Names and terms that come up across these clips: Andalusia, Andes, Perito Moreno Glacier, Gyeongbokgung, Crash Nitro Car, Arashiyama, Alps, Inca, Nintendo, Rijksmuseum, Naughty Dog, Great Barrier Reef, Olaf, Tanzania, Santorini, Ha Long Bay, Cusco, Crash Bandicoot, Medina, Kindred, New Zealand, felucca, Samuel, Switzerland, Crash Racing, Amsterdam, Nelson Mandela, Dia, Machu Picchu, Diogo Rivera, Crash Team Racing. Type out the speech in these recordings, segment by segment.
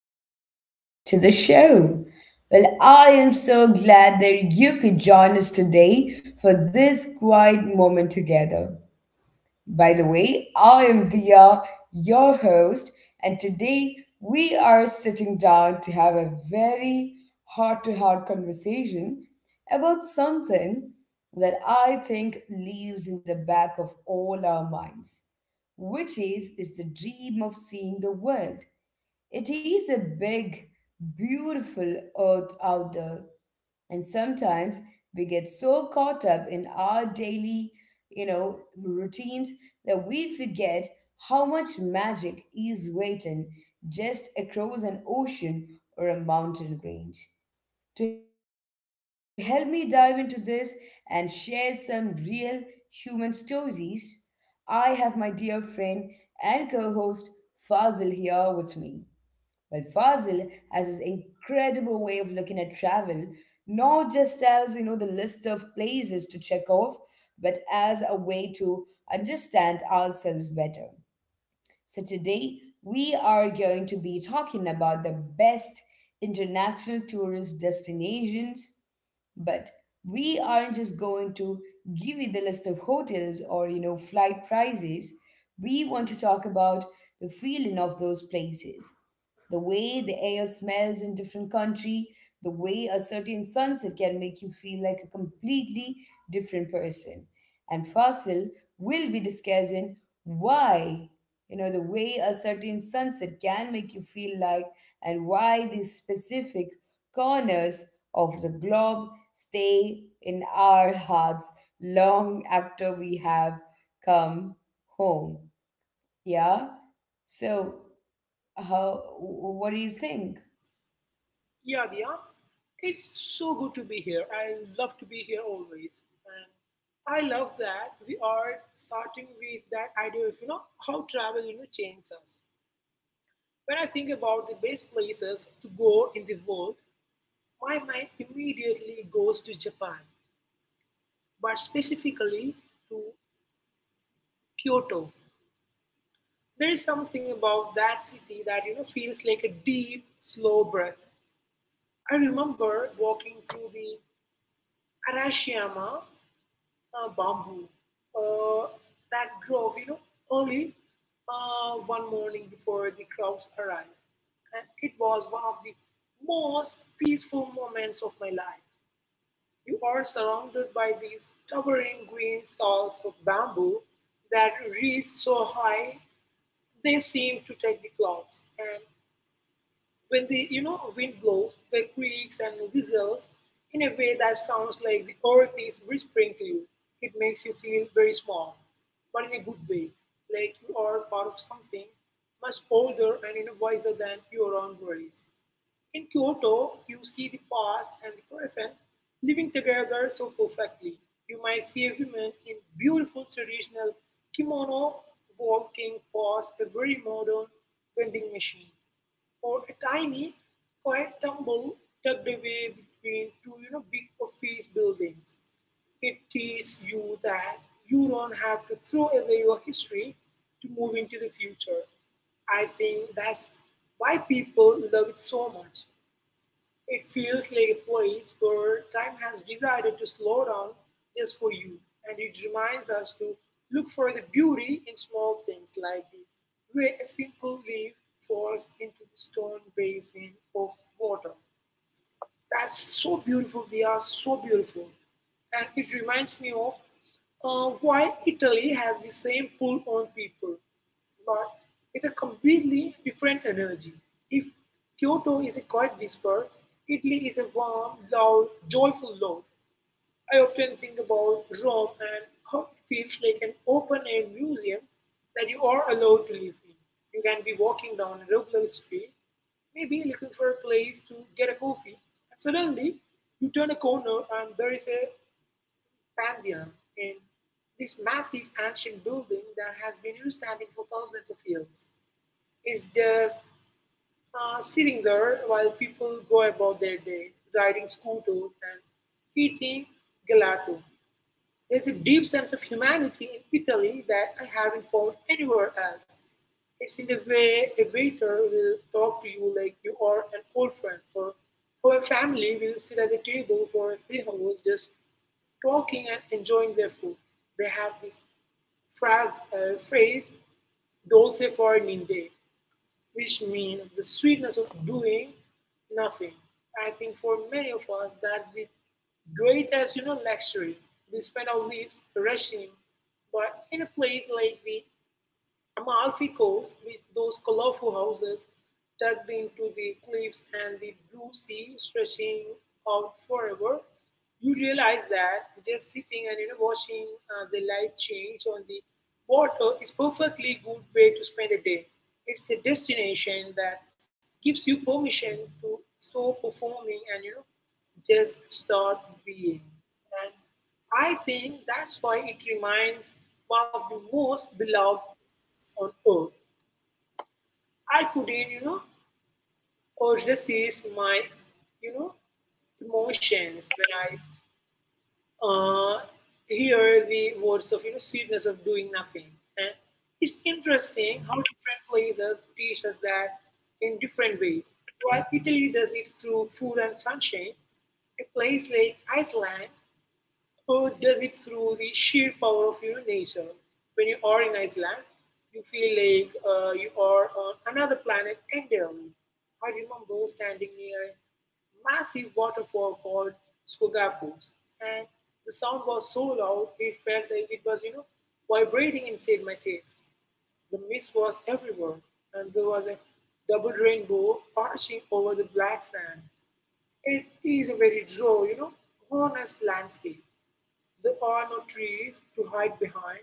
welcome to the show. Well, I am so glad that you could join us today for this quiet moment together. By the way, I am Dia, your host, and today we are sitting down to have a very heart to heart conversation about something that I think lives in the back of all our minds, which is the dream of seeing the world. It is a big, beautiful earth out there. And sometimes we get so caught up in our daily, routines that we forget how much magic is waiting just across an ocean or a mountain range. To help me dive into this and share some real human stories, I have my dear friend and co host Fazil here with me. Well, Fazil has this incredible way of looking at travel, not just as, you know, the list of places to check off, but as a way to understand ourselves better. So today we are going to be talking about the best international tourist destinations, but we aren't just going to give you the list of hotels or, you know, flight prices. We want to talk about the feeling of those places, the way the air smells in different country, the way a certain sunset can make you feel like a completely different person, and fossil will be discussing why, you know, the way a certain sunset can make you feel like, and why these specific corners of the globe stay in our hearts long after we have come home. Yeah. So how, what do you think? Yeah, Diya, it's so good to be here. I love to be here always. And I love that we are starting with that idea of, how travel, changes us. When I think about the best places to go in the world, my mind immediately goes to Japan, but specifically to Kyoto. There is something about that city that, feels like a deep, slow breath. I remember walking through the Arashiyama bamboo uh, that drove, early one morning before the crowds arrived. And it was one of the most peaceful moments of my life. You are surrounded by these towering green stalks of bamboo that reach so high they seem to take the clouds. And when the wind blows, the creaks and whistles in a way that sounds like the earth is whispering to you. It makes you feel very small, but in a good way, like you are part of something much older and, wiser than your own worries. In Kyoto, you see the past and the present living together so perfectly. You might see a woman in beautiful traditional kimono walking past a very modern vending machine, or a tiny, quiet temple tucked away between two, big office buildings. It teaches you that you don't have to throw away your history to move into the future. I think that's why people love it so much. It feels like a place where time has decided to slow down just for you, and it reminds us to look for the beauty in small things like the way a simple leaf falls into the stone basin of water. That's so beautiful. We are so beautiful. And it reminds me of why Italy has the same pull on people, but with a completely different energy. If Kyoto is a quiet whisper, Italy is a warm, loud, joyful love. I often think about Rome and how it feels like an open air museum that you are allowed to live in. You can be walking down a regular street, maybe looking for a place to get a coffee, and suddenly you turn a corner and there is a Pantheon in this massive ancient building that has been here standing for thousands of years. It's just sitting there while people go about their day, riding scooters and eating gelato. There's a deep sense of humanity in Italy that I haven't found anywhere else. It's in the way a waiter will talk to you like you are an old friend, or how a family will sit at the table for 3 hours just talking and enjoying their food. They have this phrase dolce far an, which means the sweetness of doing nothing. I think for many of us, that's the greatest, luxury. We spend our lives rushing, but in a place like the Amalfi Coast, with those colorful houses tucked into the cliffs and the blue sea stretching out forever, you realize that just sitting and watching the light change on the water is perfectly good way to spend a day. It's a destination that gives you permission to stop performing and just start being. And I think that's why it remains one of the most beloved on earth. I couldn't, urge resist my, you know, emotions when I uh, hear the words of, sweetness of doing nothing. And it's interesting how different places teach us that in different ways. While Italy does it through food and sunshine, a place like Iceland or does it through the sheer power of, nature. When you are in Iceland, you feel like you are on another planet entirely. I remember standing near a massive waterfall called Skogafoss, and the sound was so loud it felt like it was, vibrating inside my chest. The mist was everywhere, and there was a double rainbow arching over the black sand. It is a very draw, honest landscape. There are no trees to hide behind,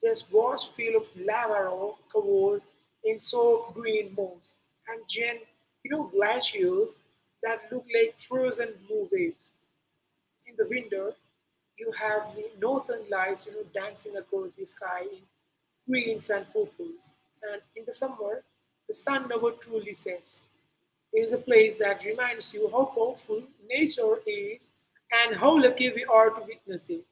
just vast fields of lava rock covered in soft green moss, and giant, glaciers that look like frozen blue waves. In the winter, you have the northern lights, dancing across the sky in greens and purples, and in the summer, the sun never truly sets. It is a place that reminds you how powerful nature is and how lucky we are to witness it.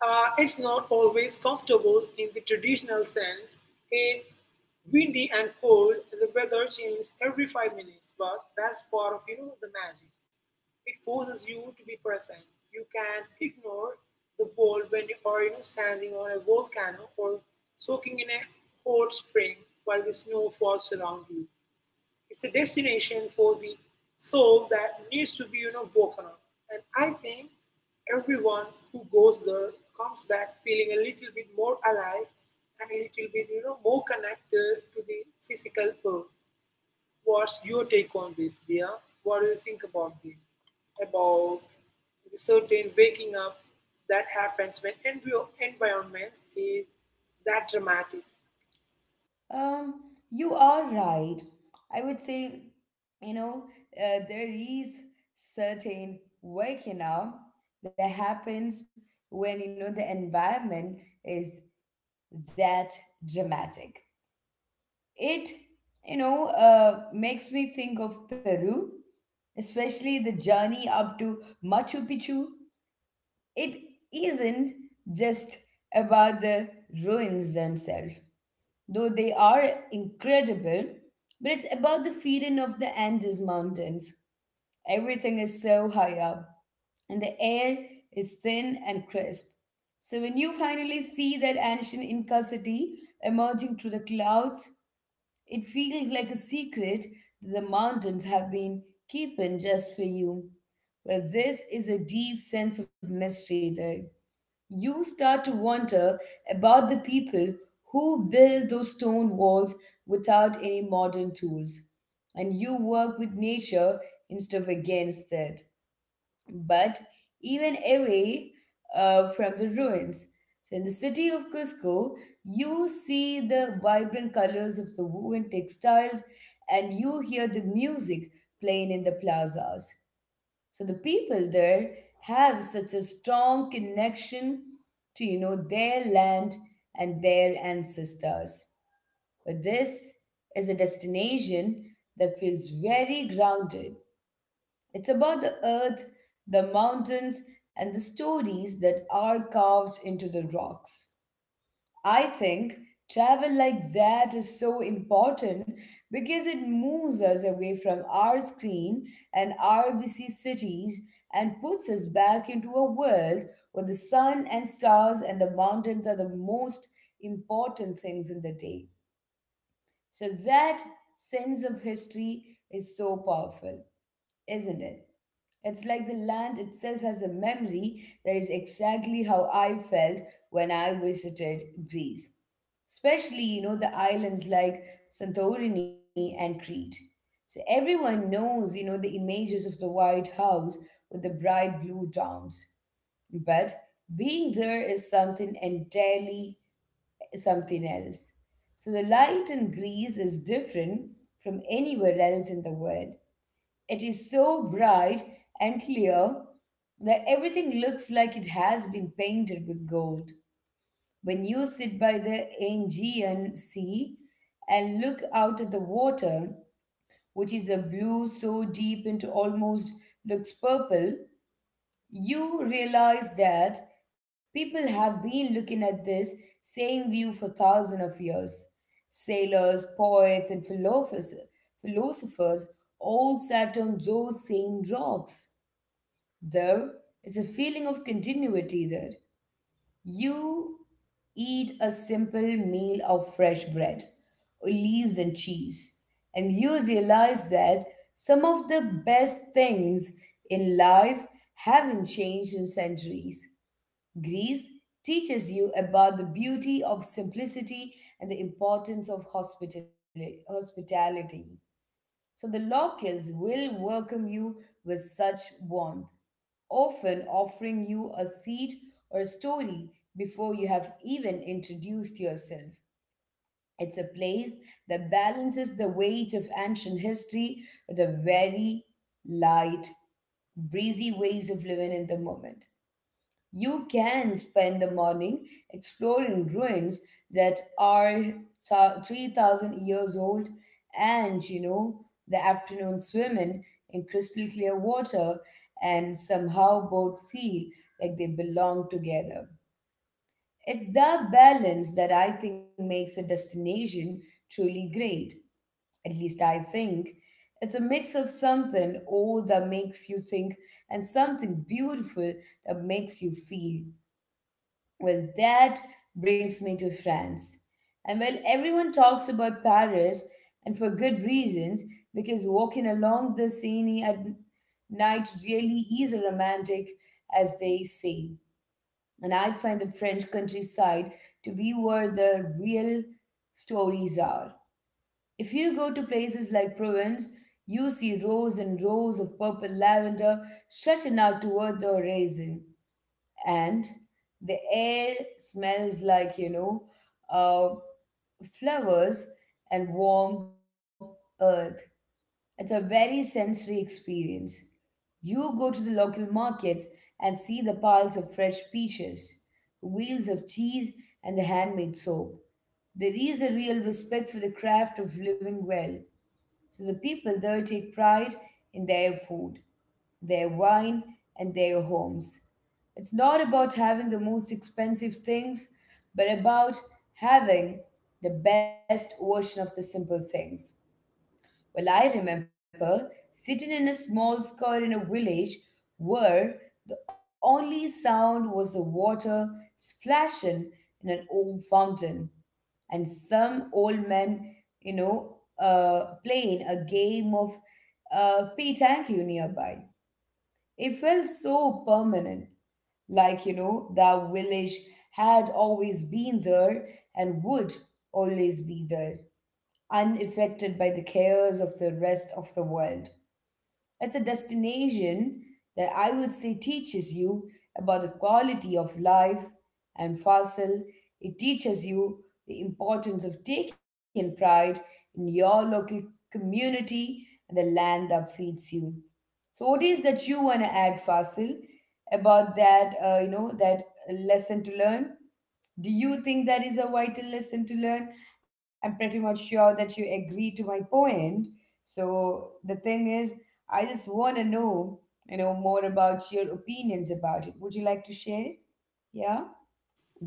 It's not always comfortable in the traditional sense. It's windy and cold. And The weather changes every 5 minutes, but that's part of the magic. It forces you to be present. You can't ignore the world when you are standing on a volcano or soaking in a hot spring while the snow falls around you. It's a destination for the soul that needs to be, woken up. And I think everyone who goes there comes back feeling a little bit more alive and a little bit, more connected to the physical world. What's your take on this, dear? What do you think about this? About the certain waking up that happens when environments is that dramatic. You are right. I would say, you know, there is certain work, you know, that happens when, you know, the environment is that dramatic. It, you know, makes me think of Peru, especially the journey up to Machu Picchu. It isn't just about the ruins themselves, though they are incredible, but it's about the feeling of the Andes Mountains. Everything is so high up, and the air is thin and crisp. So when you finally see that ancient Inca city emerging through the clouds, it feels like a secret that the mountains have been keeping just for you. Well, this is a deep sense of mystery there. You start to wonder about the people who build those stone walls without any modern tools. And you work with nature instead of against it. But even away from the ruins. So in the city of Cusco, you see the vibrant colors of the woven textiles and you hear the music playing in the plazas, so the people there have such a strong connection to, you know, their land and their ancestors. But this is a destination that feels very grounded. It's about the earth, the mountains, and the stories that are carved into the rocks. I think travel like that is so important because it moves us away from our screen and our busy cities and puts us back into a world where the sun and stars and the mountains are the most important things in the day. So that sense of history is so powerful, isn't it? It's like the land itself has a memory. That is exactly how I felt when I visited Greece. Especially, you know, the islands like Santorini and Crete. So everyone knows, you know, the images of the White House with the bright blue domes. But being there is something entirely, something else. So the light in Greece is different from anywhere else in the world. It is so bright and clear that everything looks like it has been painted with gold. When you sit by the Aegean Sea and look out at the water, which is a blue so deep it almost looks purple, you realize that people have been looking at this same view for thousands of years. Sailors, poets, and philosophers all sat on those same rocks. There is a feeling of continuity there. You eat a simple meal of fresh bread, leaves, and cheese, and you realize that some of the best things in life haven't changed in centuries. Greece teaches you about the beauty of simplicity and the importance of hospitality. So the locals will welcome you with such warmth, often offering you a seat or a story before you have even introduced yourself. It's a place that balances the weight of ancient history with a very light, breezy ways of living in the moment. You can spend the morning exploring ruins that are 3000 years old, and, you know, the afternoon swimming in crystal clear water, and somehow both feel like they belong together. It's that balance that I think makes a destination truly great. At least I think. It's a mix of something old that makes you think and something beautiful that makes you feel. Well, that brings me to France. And while everyone talks about Paris, and for good reasons, because walking along the Seine at night really is romantic, as they say. And I find the French countryside to be where the real stories are. If you go to places like Provence, you see rows and rows of purple lavender stretching out toward the horizon, and the air smells like, you know, uh, flowers and warm earth. It's a very sensory experience. You go to the local markets and see the piles of fresh peaches, the wheels of cheese, and the handmade soap. There is a real respect for the craft of living well, so the people there take pride in their food, their wine, and their homes. It's not about having the most expensive things, but about having the best version of the simple things. Well, I remember sitting in a small square in a village where the only sound was the water splashing in an old fountain, and some old men, you know, playing a game of petanque nearby. It felt so permanent, like, you know, that village had always been there and would always be there, unaffected by the cares of the rest of the world. It's a destination that I would say teaches you about the quality of life, and fossil, it teaches you the importance of taking pride in your local community and the land that feeds you. So, what is that you want to add, Fasil, about that? You know, that lesson to learn. Do you think that is a vital lesson to learn? I'm pretty much sure that you agree to my point. So the thing is, I just want to know, you know, more about your opinions about it. Would you like to share? Yeah?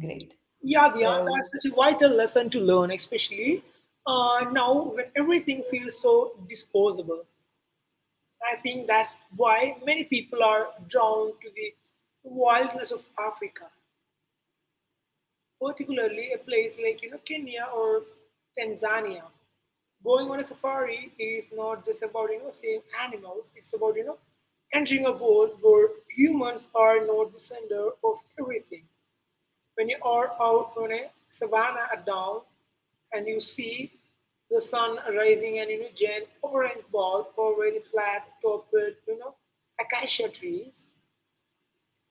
Great. Yeah, yeah, that's So, such a vital lesson to learn, especially now when everything feels so disposable. I think that's why many people are drawn to the wildness of Africa, particularly a place like, Kenya or Tanzania. Going on a safari is not just about seeing animals; it's about entering a world where humans are not the center of everything. When you are out on a savanna at dawn, and you see the sun rising and, giant orange ball over the flat topped, acacia trees,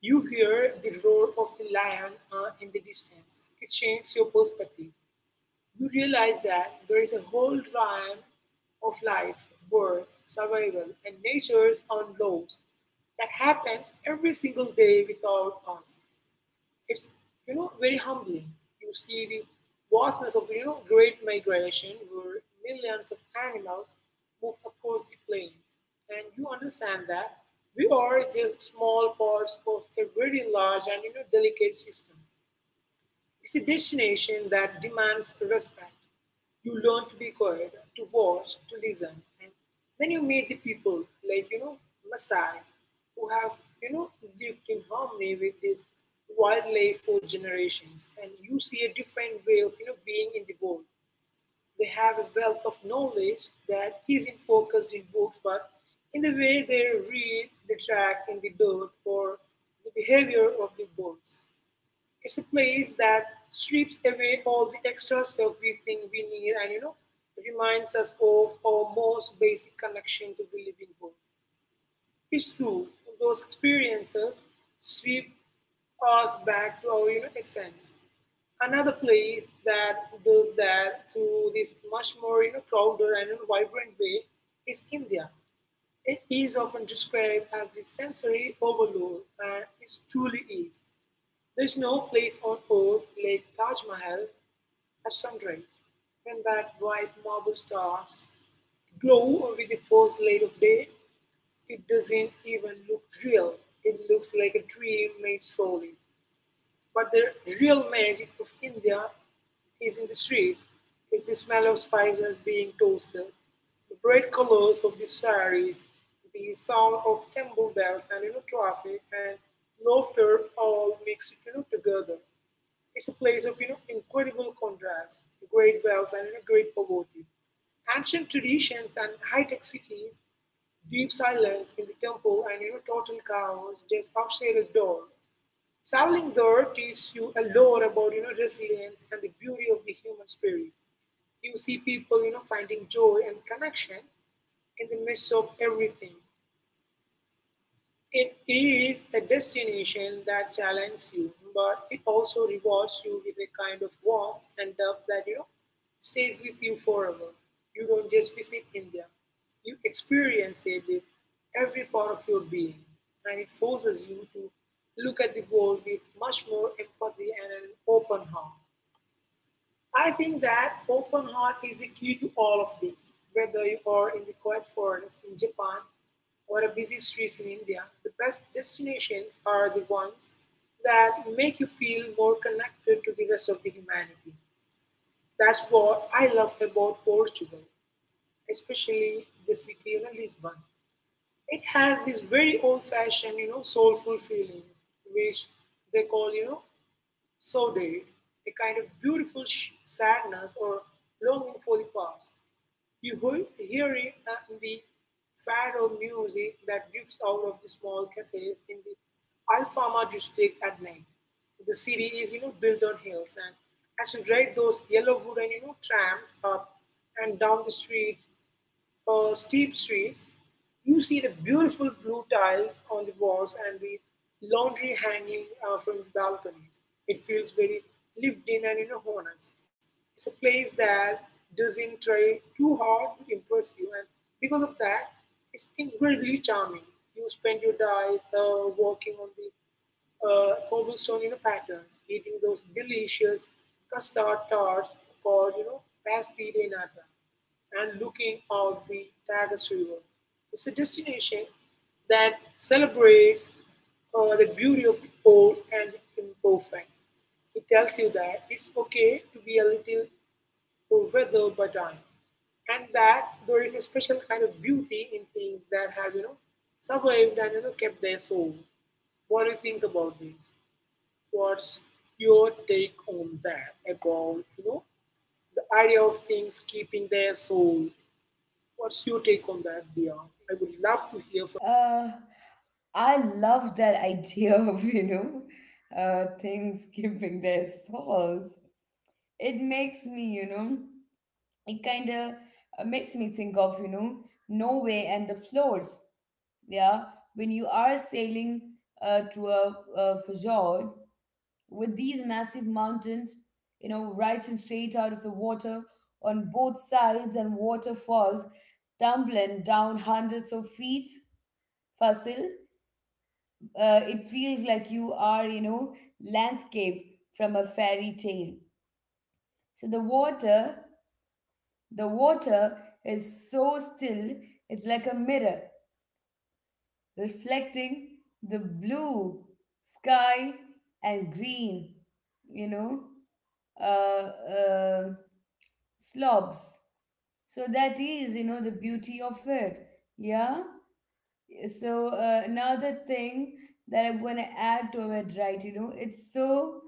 you hear the roar of the lion in the distance. It changes your perspective. You realize that there is a whole realm of life, birth, survival, and nature's own laws that happens every single day without us. It's, very humbling. You see the vastness of, great migration where millions of animals move across the plains, and you understand that we are just small parts of a very large and, delicate system. It's a destination that demands respect. You learn to be quiet, to watch, to listen, and then you meet the people like, Maasai, who have lived in harmony with this wildlife for generations, and you see a different way of being in the world. They have a wealth of knowledge that isn't focused in books, but in the way they read the track in the dirt or the behavior of the birds. It's a place that sweeps away all the extra stuff we think we need and reminds us of our most basic connection to the living world. It's true, those experiences sweep us back to our, essence. Another place that does that through this much more, crowded and, vibrant way is India. It is often described as the sensory overload, and it truly is. There is no place on earth like Taj Mahal at sunrise, when that white marble stars glow with the first light of day. It doesn't even look real. It looks like a dream made slowly. But the real magic of India is in the streets. It's the smell of spices being toasted, the bright colors of the saris, the sound of temple bells and, traffic and laughter all mixed, together. It's a place of, incredible contrast, great wealth and, great poverty. Ancient traditions and high-tech cities, deep silence in the temple and, total chaos just outside the door. Traveling there teaches you a lot about, resilience and the beauty of the human spirit. You see people, finding joy and connection in the midst of everything. It is a destination that challenges you, but it also rewards you with a kind of warmth and love that, stays with you forever. You don't just visit India; you experience it with every part of your being, and it forces you to look at the world with much more empathy and an open heart. I think that open heart is the key to all of this. Whether you are in the quiet forest in Japan or a busy streets in India, the best destinations are the ones that make you feel more connected to the rest of the humanity. That's what I love about Portugal, especially the city of Lisbon. It has this very old-fashioned, soulful feeling, which they call, so they, a kind of beautiful sadness or longing for the past. Hear it in the fado music that drifts out of the small cafes in the Alfama district at night. The city is, built on hills, and as you ride those yellow wooden, trams up and down the steep streets, you see the beautiful blue tiles on the walls and the laundry hanging from the balconies. It feels very lived in and honest. It's a place that doesn't try too hard to impress you, and because of that, it's incredibly charming. You spend your days walking on the cobblestone patterns, eating those delicious custard tarts called pasty de nata and looking out the Tagus River. It's a destination that celebrates the beauty of the old and the imperfect. It tells you that it's okay to be a little weathered by time, and that there is a special kind of beauty in things that have survived and kept their soul. What do you think about this? What's your take on that about the idea of things keeping their soul? What's your take on that, Dia? I would love to hear from. uh, I love that idea of, you know, things keeping their stalls. It makes me, you know, it kind of makes me think of, you know, Norway and the floors. Yeah, when you are sailing through a fjord, with these massive mountains, you know, rising straight out of the water on both sides and waterfalls tumbling down hundreds of feet. Fasil, it feels like you are, you know, landscape from a fairy tale. So the water is so still, it's like a mirror reflecting the blue sky and green, you know, uh, uh, slopes. So that is, you know, the beauty of it. Yeah. So another thing that I'm gonna add to it, right? You know, it's so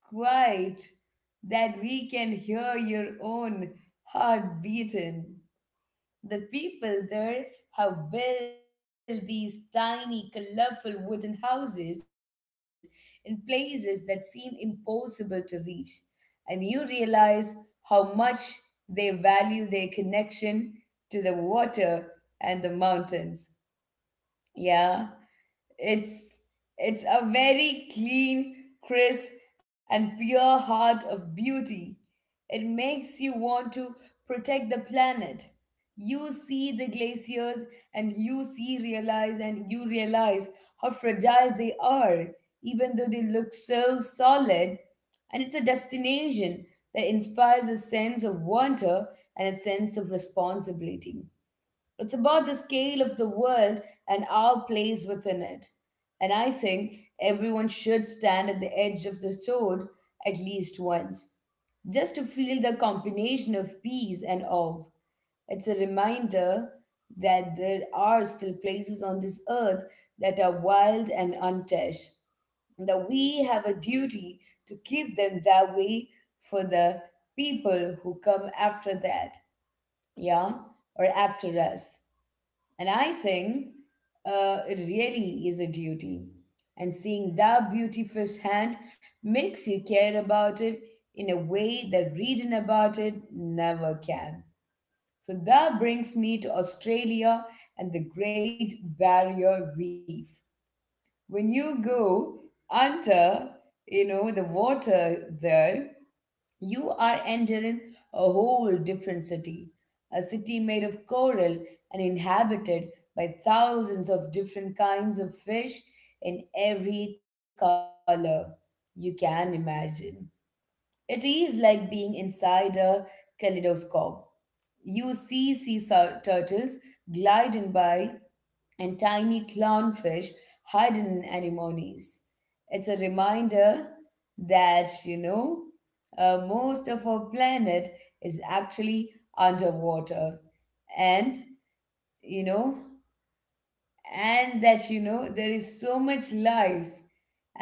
quiet that we can hear your own heart beating. The people there have built these tiny, colorful wooden houses in places that seem impossible to reach. And you realize how much they value their connection to the water and the mountains. Yeah, it's it's a very clean, crisp, and pure heart of beauty. It makes you want to protect the planet. You see the glaciers and you realize how fragile they are, even though they look so solid. And it's a destination that inspires a sense of wonder and a sense of responsibility. It's about the scale of the world and our place within it. And I think everyone should stand at the edge of the sword at least once, just to feel the combination of peace and awe. It's a reminder that there are still places on this earth that are wild and untouched, and that we have a duty to keep them that way for the people who come after that, yeah, or after us. And I think it really is a duty. And seeing that beauty firsthand makes you care about it in a way that reading about it never can. So that brings me to Australia and the Great Barrier Reef. When you go under, you know, the water there, you are entering a whole different city, a city made of coral and inhabited by thousands of different kinds of fish in every color you can imagine. It is like being inside a kaleidoscope. You see turtles gliding by and tiny clownfish hidden in anemones. It's a reminder that most of our planet is actually underwater. And, you know, and that, there is so much life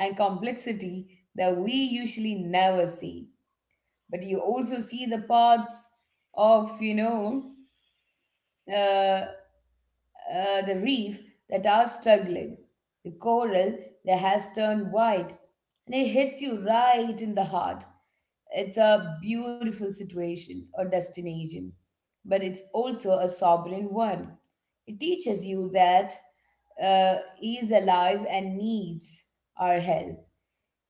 and complexity that we usually never see. But you also see the parts of, you know, uh, uh, the reef that are struggling. The coral that has turned white, and it hits you right in the heart. It's a beautiful situation or destination, but it's also a sovereign one. It teaches you that he is alive and needs our help.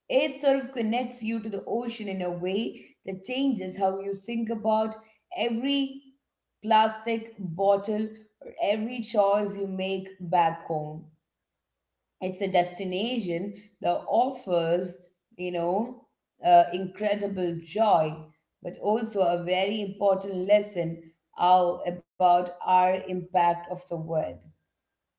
It sort of connects you to the ocean in a way that changes how you think about every plastic bottle or every choice you make back home. It's a destination that offers, you know, incredible joy, but also a very important lesson about our impact of the world.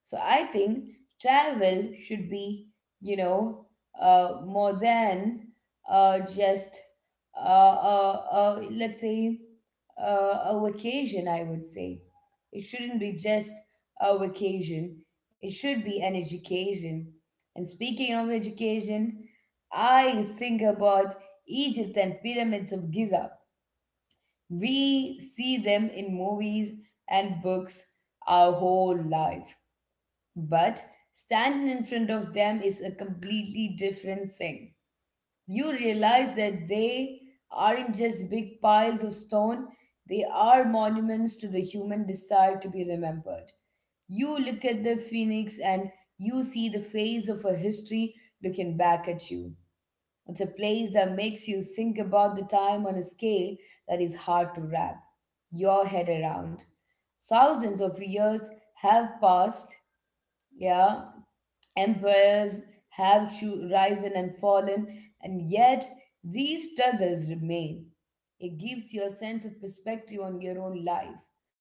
So I think travel should be, you know, more than just let's say a vacation. I would say it shouldn't be just a vacation. It should be an education. And speaking of education, I think about Egypt and pyramids of Giza. We see them in movies and books our whole life, but standing in front of them is a completely different thing. You realize that they aren't just big piles of stone; they are monuments to the human desire to be remembered. You look at the phoenix and you see the face of a history looking back at you. It's a place that makes you think about the time on a scale that is hard to wrap your head around. Thousands of years have passed, yeah, empires have risen and fallen, and yet these struggles remain. It gives you a sense of perspective on your own life.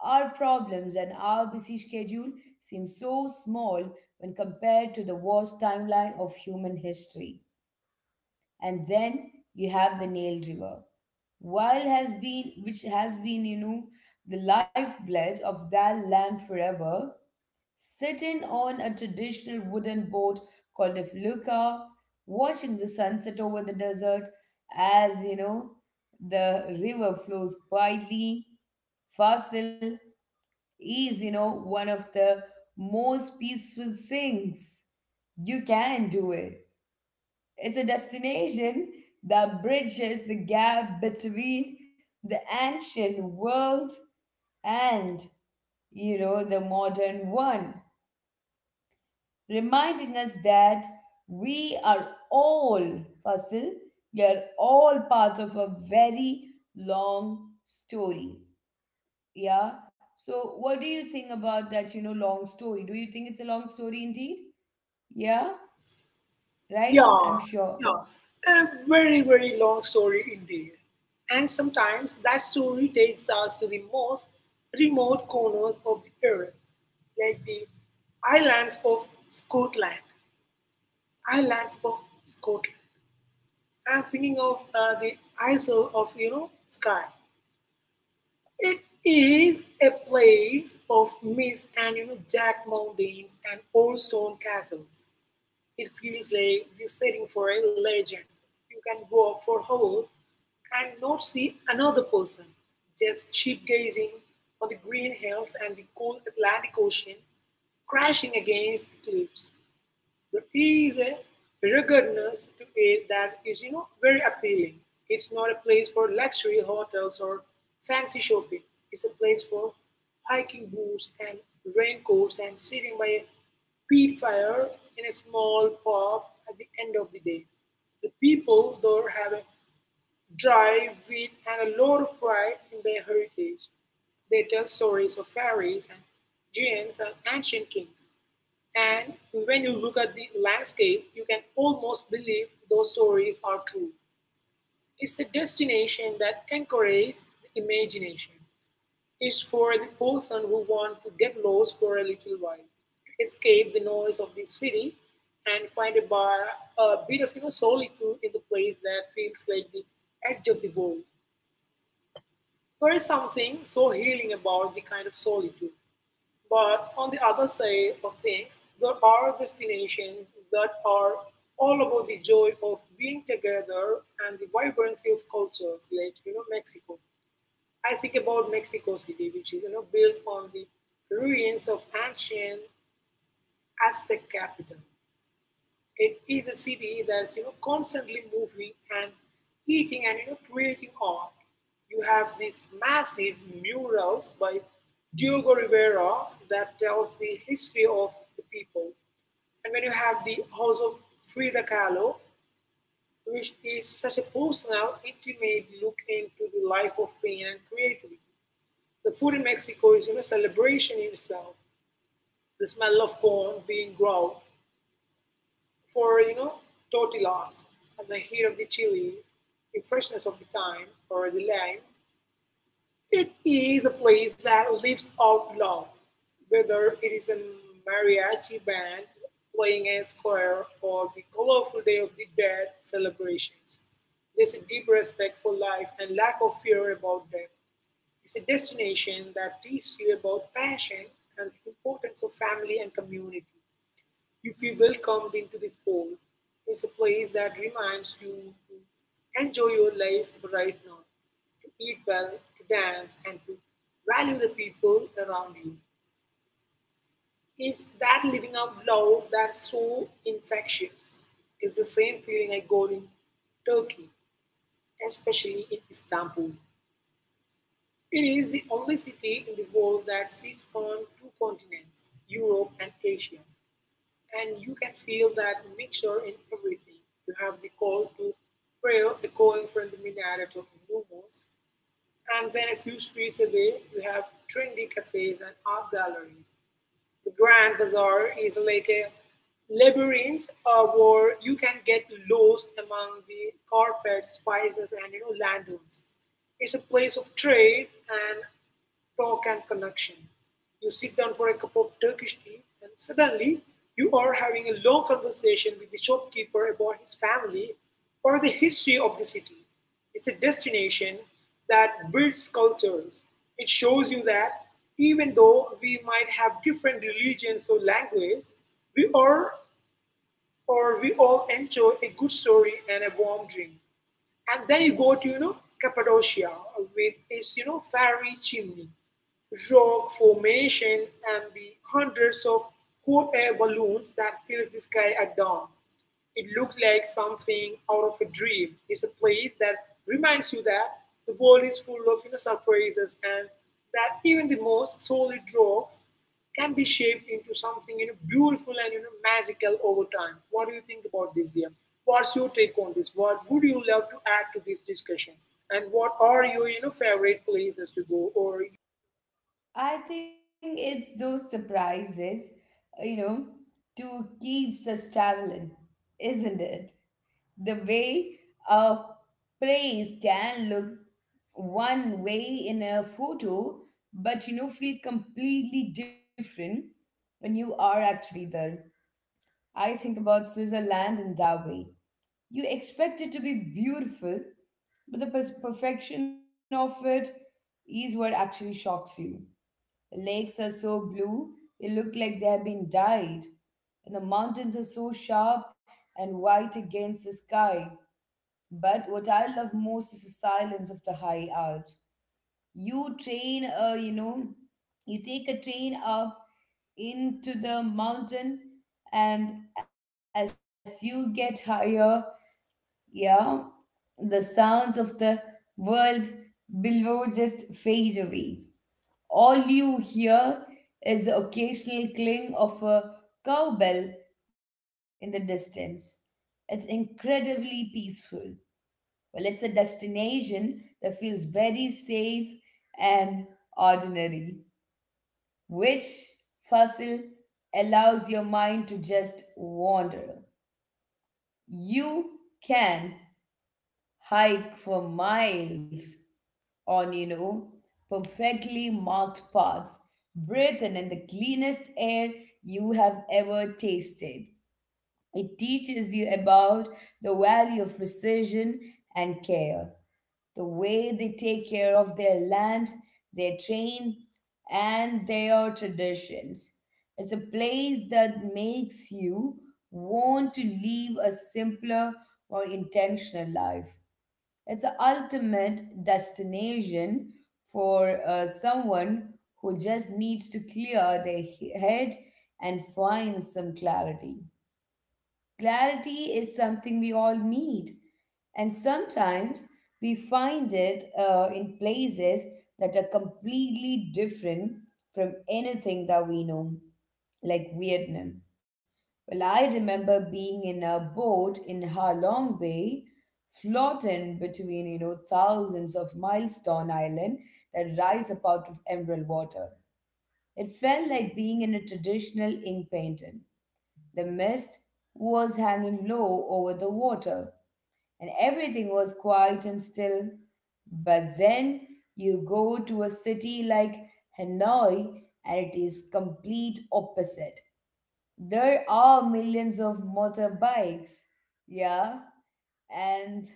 Our problems and our busy schedule seem so small when compared to the vast timeline of human history. And then you have the Nile River, while has been which has been, the lifeblood of that land forever, sitting on a traditional wooden boat called a felucca, watching the sunset over the desert as the river flows quietly. Fasil is one of the most peaceful things. You can do it. It's a destination that bridges the gap between the ancient world and the modern one, reminding us that we are all fossil, we are all part of a very long story. Yeah. So, what do you think about that long story? Do you think it's a long story indeed? Yeah, right? Yeah, I'm sure. yeah. A very, very long story indeed. And sometimes that story takes us to the most remote corners of the earth, like the islands of Scotland. Islands of Scotland. I'm thinking of the isle of, Skye. It is a place of mist and, jagged mountains and old stone castles. It feels like we're sitting for a legend. You can walk for hours and not see another person, just sheep gazing on the green hills and the cold Atlantic Ocean crashing against the cliffs. There is a ruggedness to it that is, very appealing. It's not a place for luxury hotels or fancy shopping. It's a place for hiking boots and raincoats and sitting by a peat fire in a small pub at the end of the day. The people there have a dry wit and a lot of pride in their heritage. They tell stories of fairies and giants and ancient kings. And when you look at the landscape, you can almost believe those stories are true. It's a destination that encourages the imagination. It's for the person who wants to get lost for a little while, escape the noise of the city, and find a bit of solitude in the place that feels like the edge of the world. There is something so healing about the kind of solitude. But on the other side of things, there are destinations that are all about the joy of being together and the vibrancy of cultures, like Mexico. I think about Mexico City, which is built on the ruins of ancient Aztec capital. It is a city that's constantly moving and eating and creating art. You have these massive murals by Diogo Rivera that tells the history of the people, and when you have the house of Frida Kahlo, which is such a personal, intimate look into the life of pain and creativity. The food in Mexico is celebration in itself. The smell of corn being ground for tortillas and the heat of the chilies, the freshness of the thyme or the lime, it is a place that lives out loud, whether it is a mariachi band playing a square or the colorful Day of the Dead celebrations. There's a deep respect for life and lack of fear about death. It's a destination that teaches you about passion and the importance of family and community. You feel welcomed into the fold. It's a place that reminds you to enjoy your life right now, to eat well, to dance, and to value the people around you. It's that living out loud that's so infectious. It's the same feeling I got in Turkey, especially in Istanbul. It is the only city in the world that sits on two continents, Europe and Asia. And you can feel that mixture in everything. You have the call to prayer echoing from the minaret of the Lumos, and then a few streets away, we have trendy cafes and art galleries. The Grand Bazaar is like a labyrinth where you can get lost among the carpets, spices, and, lanterns. It's a place of trade and talk and connection. You sit down for a cup of Turkish tea, and suddenly you are having a long conversation with the shopkeeper about his family or the history of the city. It's a destination that builds cultures. It shows you that even though we might have different religions or language, we are or we all enjoy a good story and a warm drink. And then you go to Cappadocia with its fiery chimney, rock formation, and the hundreds of hot air balloons that fill the sky at dawn. It looks like something out of a dream. It's a place that reminds you that the world is full of, surprises and that even the most solid rocks can be shaped into something beautiful and magical over time. What do you think about this, dear? What's your take on this? What would you love to add to this discussion? And what are your favorite places to go? Or I think it's those surprises, you know, to keeps us traveling, isn't it? The way a place can look one way in a photo, but feel completely different when you are actually there. I think about Switzerland in that way. You expect it to be beautiful, but the perfection of it is what actually shocks you. The lakes are so blue they look like they have been dyed, and the mountains are so sharp and white against the sky. But what I love most is the silence of the high Alps. You train, uh, you know, you take a train up into the mountain, and as you get higher, yeah, the sounds of the world below just fade away. All you hear is the occasional cling of a cowbell in the distance. It's incredibly peaceful. Well, it's a destination that feels very safe and ordinary, which fossil allows your mind to just wander. You can hike for miles on perfectly marked paths, breathe in the cleanest air you have ever tasted. It teaches you about the value of precision and care, the way they take care of their land, their trains, and their traditions. It's a place that makes you want to live a simpler, more intentional life. It's the ultimate destination for someone who just needs to clear their head and find some clarity. Clarity is something we all need, and sometimes we find it in places that are completely different from anything that we know, like Vietnam. Well, I remember being in a boat in Ha Long Bay, floating between thousands of milestone island that rise up out of emerald water. It felt like being in a traditional ink painting. The mist was hanging low over the water, and everything was quiet and still. But then you go to a city like Hanoi, and it is complete opposite. There are millions of motorbikes, yeah, and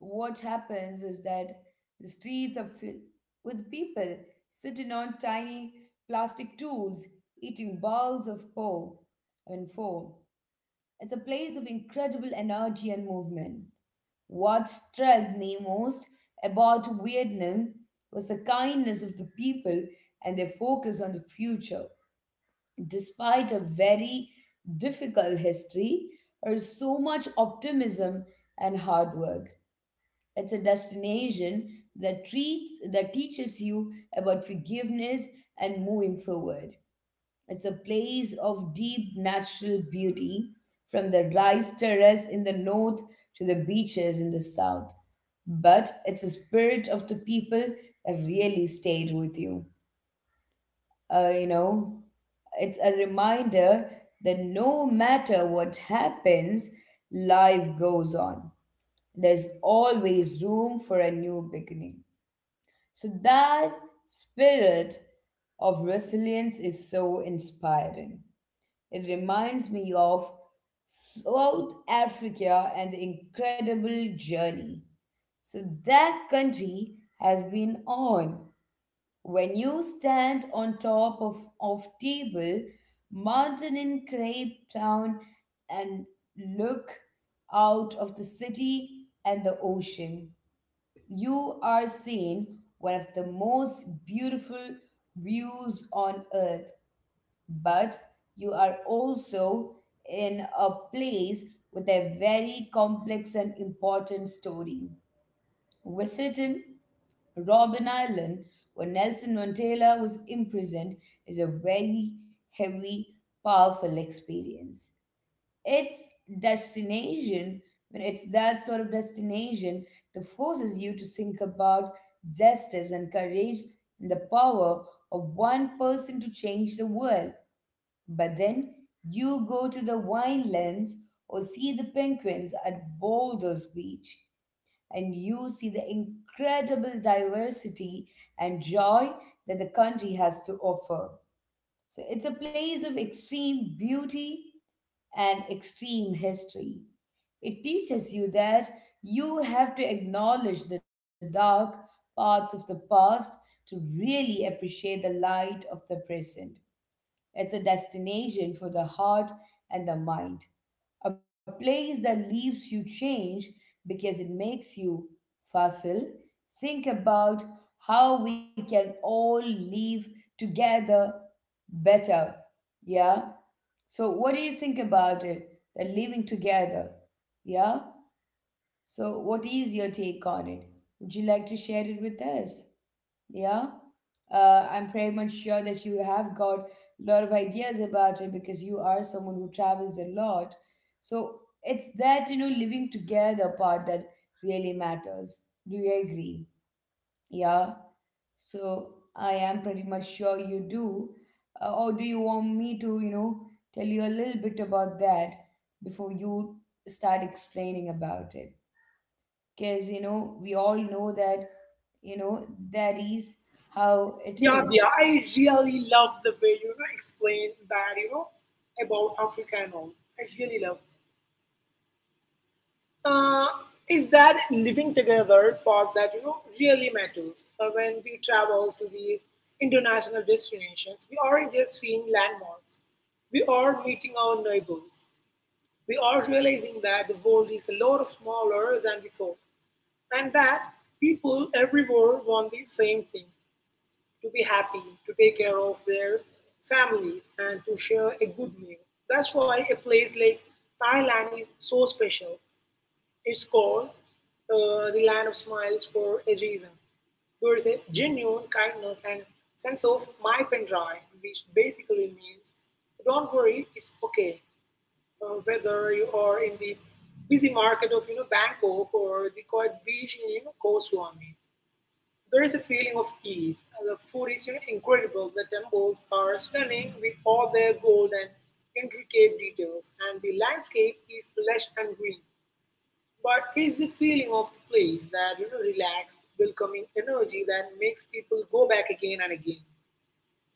what happens is that the streets are filled with people sitting on tiny plastic stools, eating bowls of po. I mean, foam. It's a place of incredible energy and movement. What struck me most about Vietnam was the kindness of the people and their focus on the future. Despite a very difficult history, there is so much optimism and hard work. It's a destination that treats that teaches you about forgiveness and moving forward. It's a place of deep natural beauty, from the rice terrace in the north to the beaches in the south. But it's the spirit of the people that really stayed with you. Uh, you know, it's a reminder that no matter what happens, life goes on. There's always room for a new beginning. So that spirit of resilience is so inspiring. It reminds me of South Africa and the incredible journey so that country has been on. When you stand on top of Table Mountain in Cape Town and look out of the city and the ocean, you are seeing one of the most beautiful views on earth, but you are also in a place with a very complex and important story. Visiting Robben Island, where Nelson Mandela was imprisoned, is a very heavy, powerful experience. Its destination, when it's that sort of destination that forces you to think about justice and courage and the power of one person to change the world. But then you go to the winelands or see the penguins at Boulders Beach, and you see the incredible diversity and joy that the country has to offer. So it's a place of extreme beauty and extreme history. It teaches you that you have to acknowledge the dark parts of the past to really appreciate the light of the present. It's a destination for the heart and the mind, a place that leaves you change because it makes you facile. Think about how we can all live together better. Yeah? So, what do you think about it? The living together. Yeah? So, what is your take on it? Would you like to share it with us? Yeah, I'm pretty much sure that you have got a lot of ideas about it because you are someone who travels a lot. So, it's that living together part that really matters. Do you agree? Yeah, so I am pretty much sure you do. Or do you want me to, tell you a little bit about that before you start explaining about it? Because we all know that that is how it yeah, is. yeah, I really love the way explain that about Africa and all. I really love uh, is that living together part that really matters. When we travel to these international destinations, we aren't just seeing landmarks. We are meeting our neighbors. We are realizing that the world is a lot smaller than we thought, and that people everywhere want the same thing: to be happy, to take care of their families, and to share a good meal. That's why a place like Thailand is so special. Is called the land of smiles for a reason. There is a genuine kindness and sense of my pen dry, which basically means don't worry, it's okay. Whether you are in the busy market of Bangkok or the quiet beach in Koh Samui, there is a feeling of ease. The food is incredible. The temples are stunning with all their gold and intricate details, and the landscape is lush and green. But it's the feeling of the place, that, relaxed, welcoming energy that makes people go back again and again.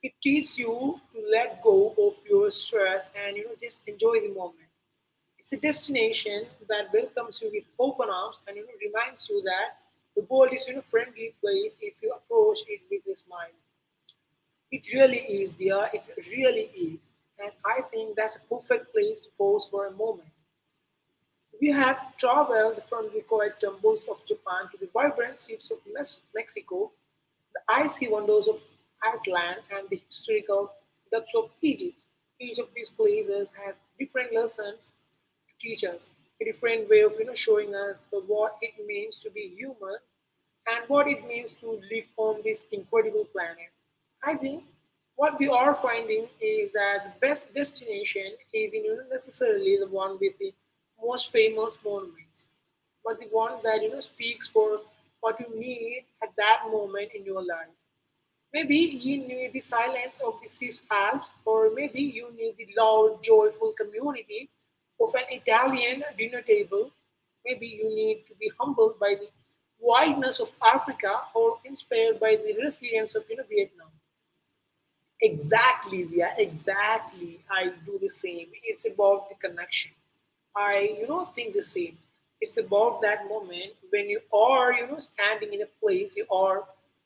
It teaches you to let go of your stress and just enjoy the moment. It's a destination that welcomes you with open arms and reminds you that the world is friendly place if you approach it with a smile. It really is, dear. It really is, and I think that's a perfect place to pause for a moment. We have traveled from the quiet jungles of Japan to the vibrant streets of Mexico, the icy wonders of Iceland, and the historical depths of Egypt. Each of these places has different lessons to teach us, a different way of showing us the, what it means to be human and what it means to live on this incredible planet. I think what we are finding is that the best destination isn't, necessarily the one with the most famous monuments, but the one that speaks for what you need at that moment in your life. Maybe you need the silence of the Swiss Alps, or maybe you need the loud, joyful community of an Italian dinner table. Maybe you need to be humbled by the wildness of Africa or inspired by the resilience of, Vietnam. Exactly, yeah, exactly. I do the same. It's about the connection. I, think the same. It's about that moment when you are, you know, standing in a place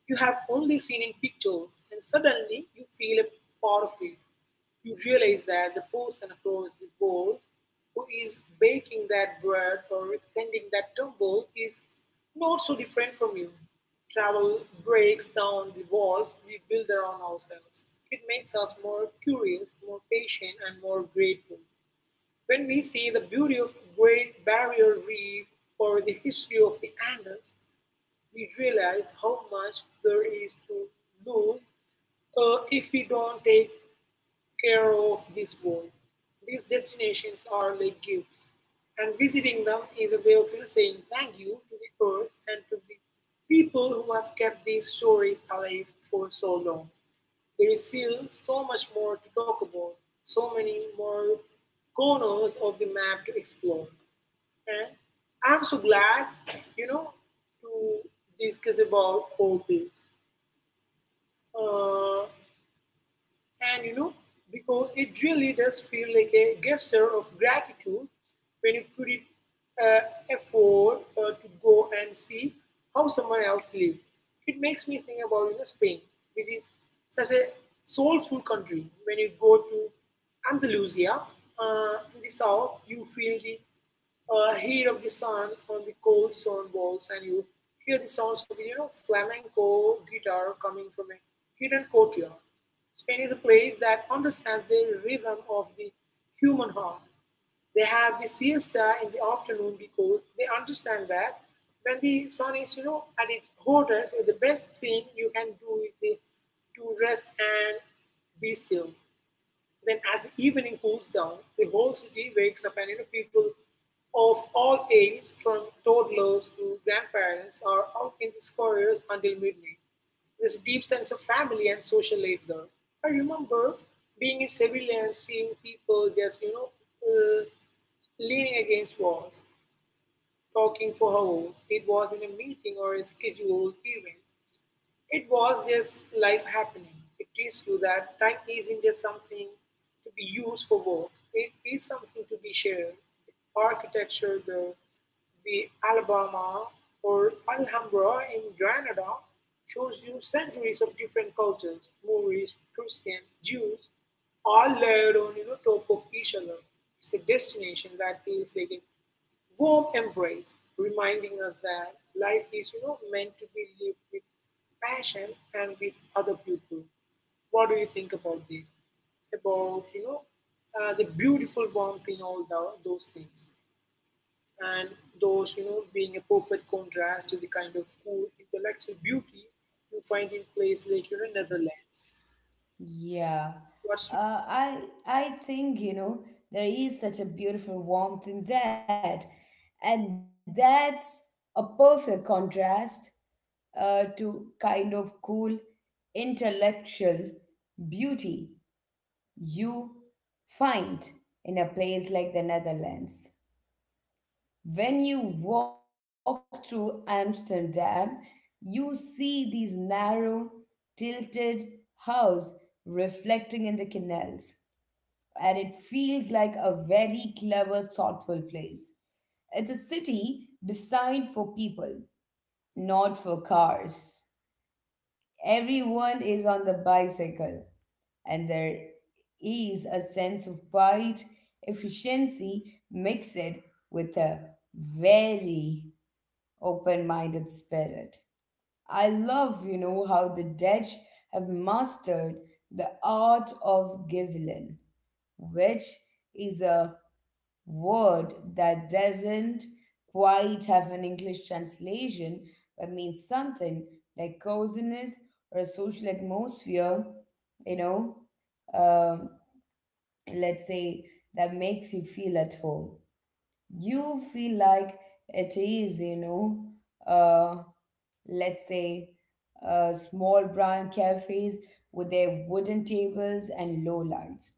you have only seen in pictures, and suddenly you feel a part of it. You realize that the person across the board who is baking that bread or tending that tumble is not so different from you. Travel breaks down the walls we build around ourselves. It makes us more curious, more patient, and more grateful. When we see the beauty of Great Barrier Reef or the history of the Andes, we realize how much there is to lose if we don't take care of this world. These destinations are like gifts, and visiting them is a way of, saying thank you to the earth and to the people who have kept these stories alive for so long. There is still so much more to talk about, so many more corners of the map to explore. And I'm so glad, you know, to discuss about all this. Uh, And because it really does feel like a gesture of gratitude when you put it uh, effort to go and see how someone else lives. It makes me think about Spain, which is such a soulful country. When you go to Andalusia in the south, you feel the heat of the sun on the cold stone walls, and you hear the sounds of flamenco guitar coming from a hidden courtyard. Spain is a place that understands the rhythm of the human heart. They have the siesta in the afternoon because they understand that when the sun is at its hottest, the best thing you can do to rest and be still. Then, as the evening cools down, the whole city wakes up, and people of all ages, from toddlers to grandparents, are out in the squares until midnight. There's a deep sense of family and social life there. I remember being in Seville and seeing people just, uh, leaning against walls, talking for hours. It was in a meeting or a scheduled event, it was just life happening. It teaches you that time isn't just something to be used for work, it is something to be shared. Architecture, the Alabama or Alhambra in Granada shows you centuries of different cultures, Moorish, Christian, Jews, all layered on top of each other. It's a destination that feels like a warm embrace, reminding us that life is meant to be lived with passion and with other people. What do you think about this? About the beautiful warmth in those things, and those being a perfect contrast to the kind of cool intellectual beauty you find in place like Netherlands? Yeah. What's your I think there is such a beautiful warmth in that, and that's a perfect contrast to kind of cool intellectual beauty you find in a place like the Netherlands. When you walk through Amsterdam, you see these narrow, tilted houses reflecting in the canals, and it feels like a very clever, thoughtful place. It's a city designed for people, not for cars. Everyone is on the bicycle, and there is a sense of pride, efficiency mixed with a very open minded spirit. I love how the Dutch have mastered the art of gizzelen, which is a word that doesn't quite have an English translation but means something like coziness or a social atmosphere, you know, um, let's say, that makes you feel at home. You feel like it is, uh, let's say, small brown cafes with their wooden tables and low lights.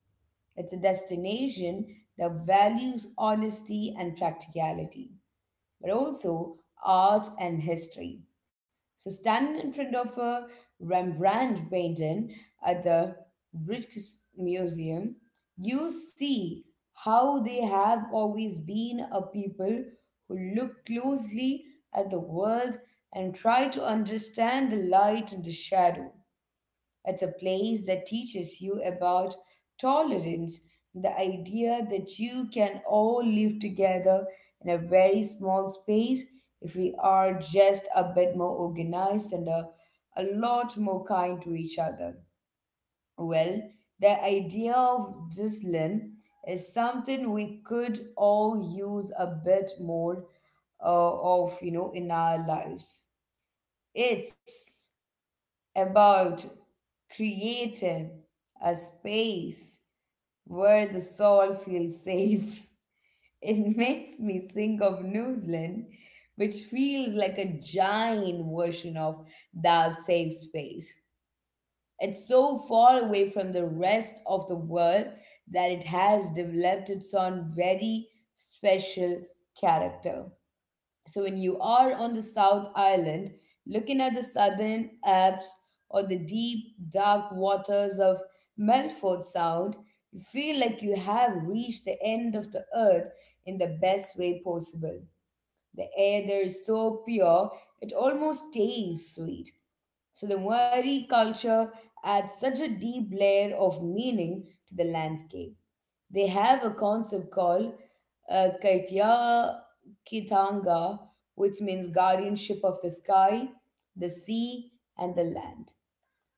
It's a destination that values honesty and practicality but also art and history. So standing in front of a Rembrandt painting at the Rijksmuseum, you see how they have always been a people who look closely at the world and try to understand the light and the shadow. It's a place that teaches you about tolerance, the idea that you can all live together in a very small space if we are just a bit more organized and a lot more kind to each other. Well, the idea of discipline is something we could all use a bit more in our lives. It's about creating a space where the soul feels safe. It makes me think of New Zealand, which feels like a giant version of that safe space. It's so far away from the rest of the world that it has developed its own very special character. So when you are on the South Island, looking at the southern Alps or the deep, dark waters of Melfort Sound, you feel like you have reached the end of the earth in the best way possible. The air there is so pure, it almost tastes sweet. So the Maori culture adds such a deep layer of meaning to the landscape. They have a concept called Kaitya Kitanga, which means guardianship of the sky, the sea, and the land.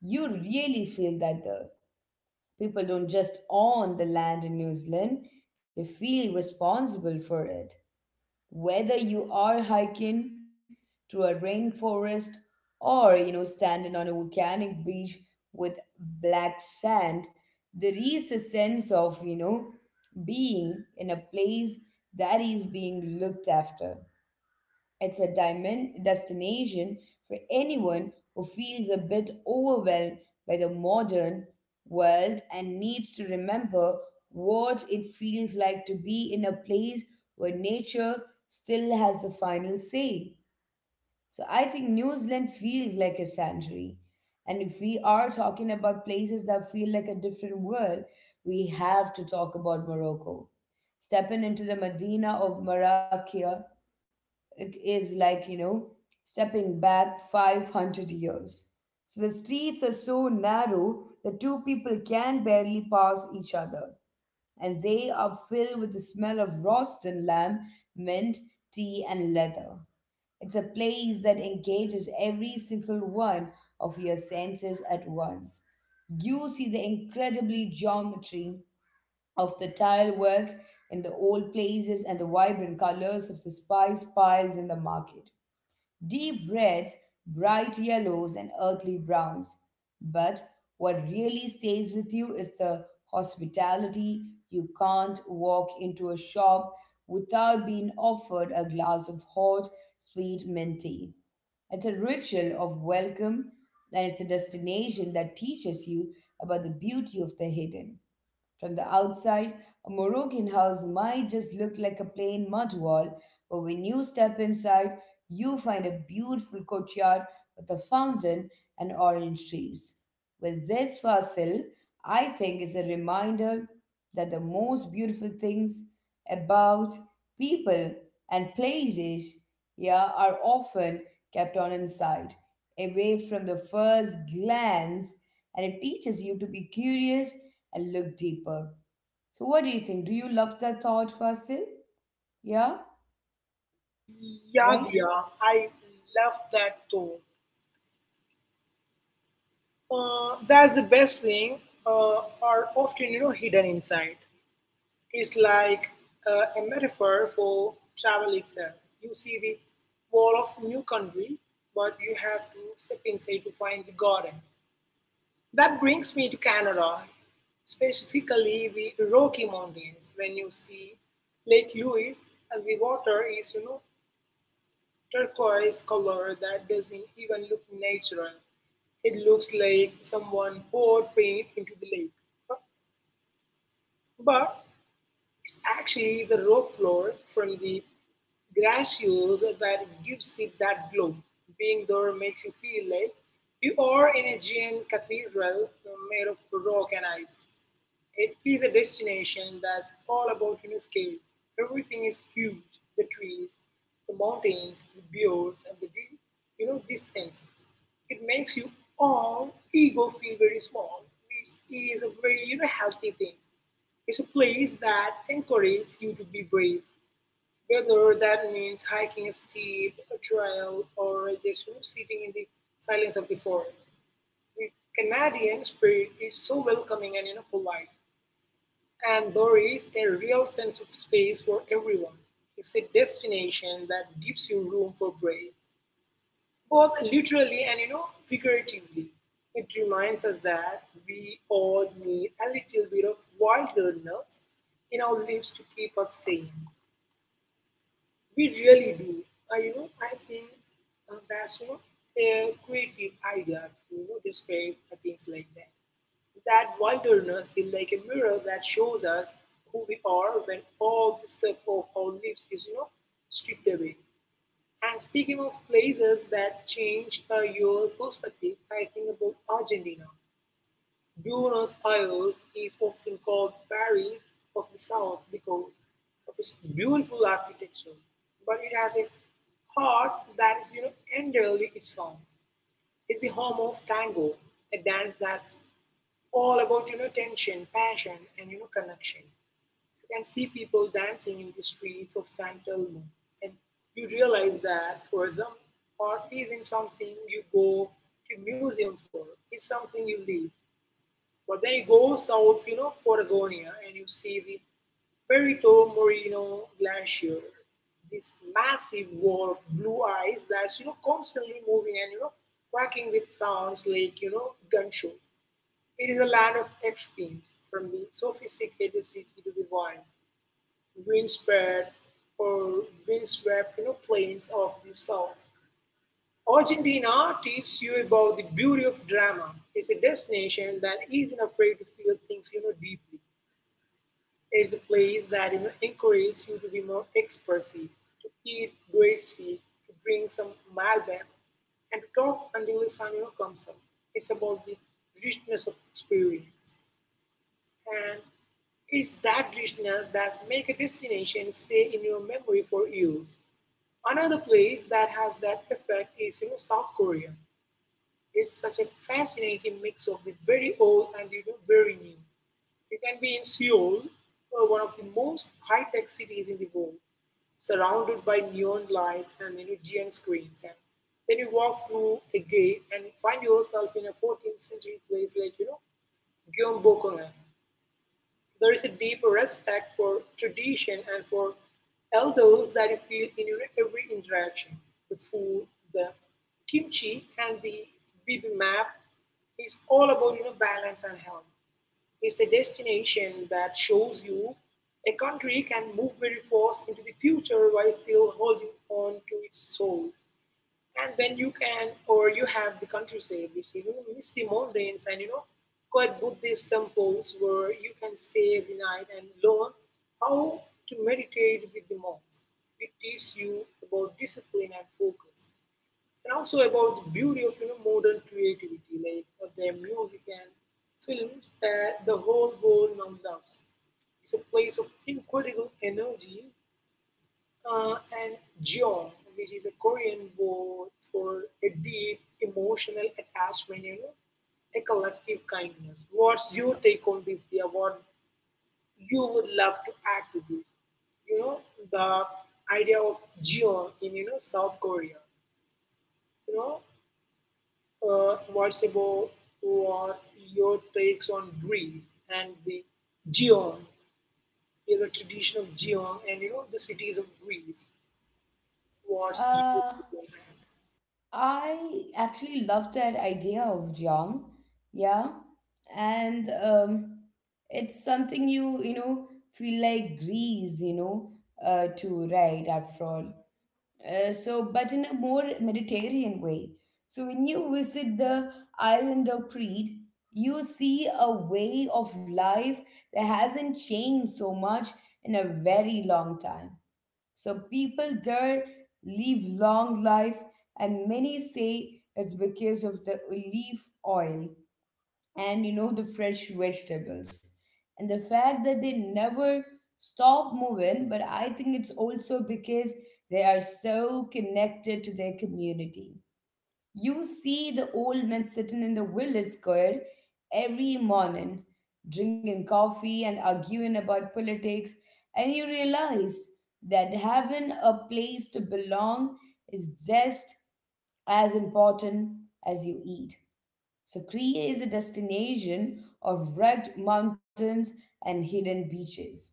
You really feel that the people don't just own the land in New Zealand. They feel responsible for it, whether you are hiking through a rainforest or standing on a volcanic beach with black sand. There is a sense of being in a place that is being looked after. It's a diamond destination for anyone who feels a bit overwhelmed by the modern world and needs to remember what it feels like to be in a place where nature still has the final say. So I think New Zealand feels like a sanctuary. And if we are talking about places that feel like a different world, we have to talk about Morocco. Stepping into the Medina of Marrakech, it is like stepping back 500 years. So the streets are so narrow that two people can barely pass each other, and they are filled with the smell of roasted lamb, mint tea, and leather. It's a place that engages every single one of your senses at once. You see the incredibly geometry of the tile work in the old places and the vibrant colors of the spice piles in the market. Deep reds, bright yellows, and earthly browns. But what really stays with you is the hospitality. You can't walk into a shop without being offered a glass of hot, sweet mint tea. It's a ritual of welcome, and it's a destination that teaches you about the beauty of the hidden. From the outside, a Moroccan house might just look like a plain mud wall, but when you step inside, you find a beautiful courtyard with a fountain and orange trees. Well, this fossil, I think, is a reminder that the most beautiful things about people and places, yeah, are often kept on inside, away from the first glance, and it teaches you to be curious and look deeper. So, what do you think? Do you love the thought, Vasil? Yeah, yeah, right? yeah, I love that tone. That's the best thing are often hidden inside. It's like a metaphor for travel itself. You see the wall of new country, but you have to step inside to find the garden. That brings me to Canada, specifically the Rocky Mountains. When you see Lake Louise and the water is turquoise color that doesn't even look natural. It looks like someone poured paint into the lake. Huh? But it's actually the rock floor from the glaciers that gives it that glow. Being there makes you feel like you are in a giant cathedral made of rock and ice. It is a destination that's all about scale. Everything is huge: the trees, the mountains, the fjords, and the distances. It makes you all ego feel very small, which is a very healthy thing. It's a place that encourages you to be brave, whether that means hiking a steep a trail or just sitting in the silence of the forest. The Canadian spirit is so welcoming and polite, and there is a real sense of space for everyone. It's a destination that gives you room for breath, both literally and figuratively. It reminds us that we all need a little bit of wilderness in our lives to keep us sane. We really do. I think that's a creative idea to describe things like that. That wilderness is like a mirror that shows us who we are when all the stuff of our lives is stripped away. And speaking of places that change your perspective, I think about Argentina. Buenos Aires is often called Paris of the South because of its beautiful architecture, but it has a heart that is, you know, entirely its own. It's the home of tango, a dance that's all about tension, passion, and connection. You can see people dancing in the streets of San Telmo, and you realize that for them, art isn't something you go to museum for; it's something you live. But then you go south, you know, Patagonia, and you see the Perito Moreno Glacier, this massive wall of blue ice that's constantly moving and cracking with sounds like gunshot. It is a land of extremes, from the sophisticated city to the wild, windspread or windswept plains of the South. Argentina teaches you about the beauty of drama. It's a destination that isn't afraid to feel things deeply. It's a place that encourages you to be more expressive, to eat gracefully, to drink some Malbec, and to talk until the sun comes up. It's about the richness of experience. And it's that richness that makes a destination stay in your memory for years. Another place that has that effect is South Korea. It's such a fascinating mix of the very old and very new. You can be in Seoul, one of the most high-tech cities in the world, surrounded by neon lights and giant screens. And then you walk through a gate and find yourself in a 14th century place like Gyeongbokgung. There is a deeper respect for tradition and for elders that you feel in your every interaction. The food, the kimchi, and the bibimbap is all about balance and health. It's a destination that shows you a country can move very fast into the future while still holding on to its soul. And then you can, or you have the countryside, which miss the mountains, and quite Buddhist temples where you can stay the night and learn how to meditate with the monks. It teaches you about discipline and focus, and also about the beauty of modern creativity, like of their music and films that the whole world now loves. It's a place of incredible energy and jeon, which is a Korean word for a deep emotional attachment, you know, a collective kindness. What's your take on this, dear? What you would love to add to this? You know, the idea of jeon in South Korea. You know, what's about what your takes on Greece and the jeon, you know, the tradition of jeon, and the cities of Greece. What's your Uh, take on that? I actually love that idea of Jong. Yeah. And it's something you, feel like grease, to write after all. But in a more Mediterranean way. So when you visit the island of Crete, you see a way of life that hasn't changed so much in a very long time. So people there live long life, and many say it's because of the olive oil and the fresh vegetables and the fact that they never stop moving. But I think it's also because they are so connected to their community. You see the old men sitting in the village square every morning, drinking coffee and arguing about politics, and you realize that having a place to belong is just as important as you eat. So, Kriya is a destination of rugged mountains and hidden beaches,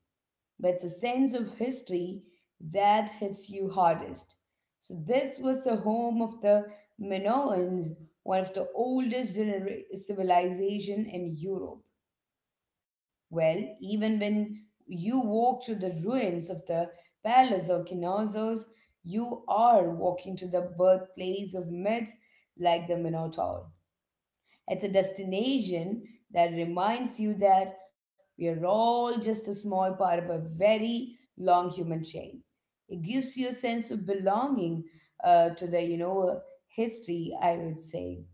but it's a sense of history that hits you hardest. So, this was the home of the Minoans, one of the oldest civilization in Europe. Well, even when you walk through the ruins of the palace of Knossos, you are walking to the birthplace of myths like the Minotaur. It's a destination that reminds you that we are all just a small part of a very long human chain. It gives you a sense of belonging to the, history, I would say.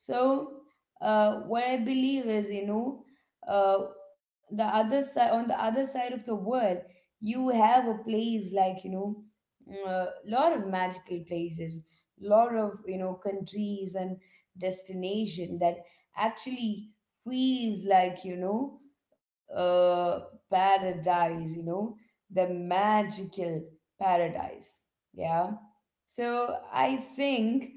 so what I believe is, uh, the other side of the world, you have a place like a lot of magical places, lot of countries and destination that actually feels like uh, paradise. You know, the magical paradise. Yeah. So I think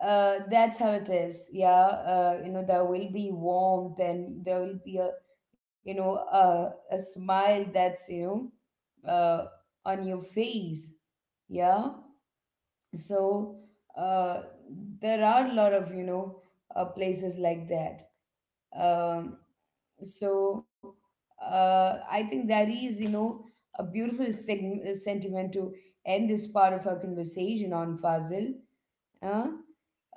that's how it is. Yeah. You know, there will be warmth and there will be a a smile that's know uh, on your face. Yeah. so uh, there are a lot of places like that. um, so I think that is, you know, a beautiful sentiment to end this part of our conversation on Fazil. Huh?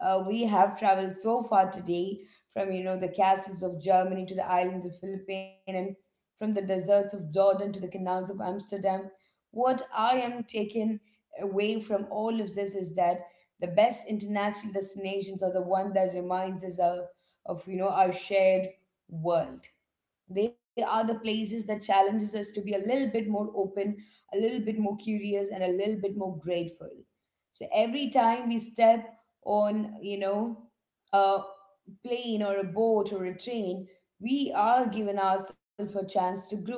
We have traveled so far today, from the castles of Germany to the islands of Philippines, and from the deserts of Jordan to the canals of Amsterdam. What I am taken away from all of this is that the best international destinations are the one that reminds us of our shared world. They are the places that challenges us to be a little bit more open, a little bit more curious, and a little bit more grateful. So every time we step on a plane or a boat or a train, we are given ourselves a chance to grow.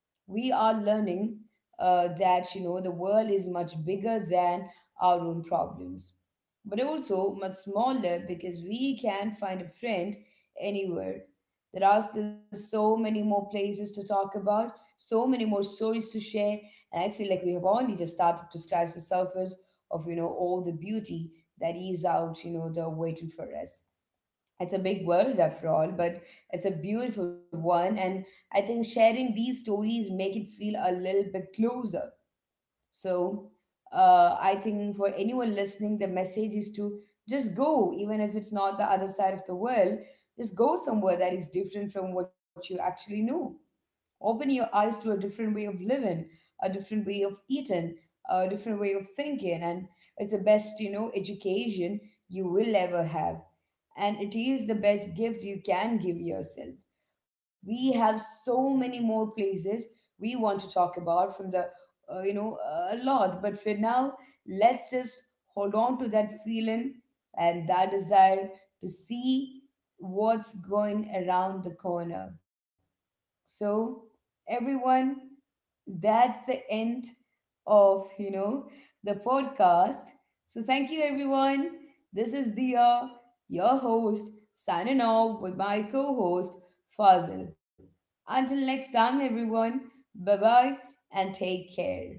We are learning that, you know, the world is much bigger than our own problems, but also much smaller, because we can find a friend anywhere. There are still so many more places to talk about, so many more stories to share, and I feel like we have only just started to scratch the surface of all the beauty that is out, the waiting for us. It's a big world after all, but it's a beautiful one. And I think sharing these stories make it feel a little bit closer. So I think for anyone listening, the message is to just go. Even if it's not the other side of the world, just go somewhere that is different from what you actually know. Open your eyes to a different way of living, a different way of eating, a different way of thinking, and it's the best, you know, education you will ever have. And it is the best gift you can give yourself. We have so many more places we want to talk about from the, uh, you know, a lot. But for now, let's just hold on to that feeling and that desire to see what's going around the corner. So, everyone, that's the end of, you know, the podcast. So, thank you, everyone. This is Dia, your host, signing off with my co host, Fazil. Until next time, everyone, bye bye and take care.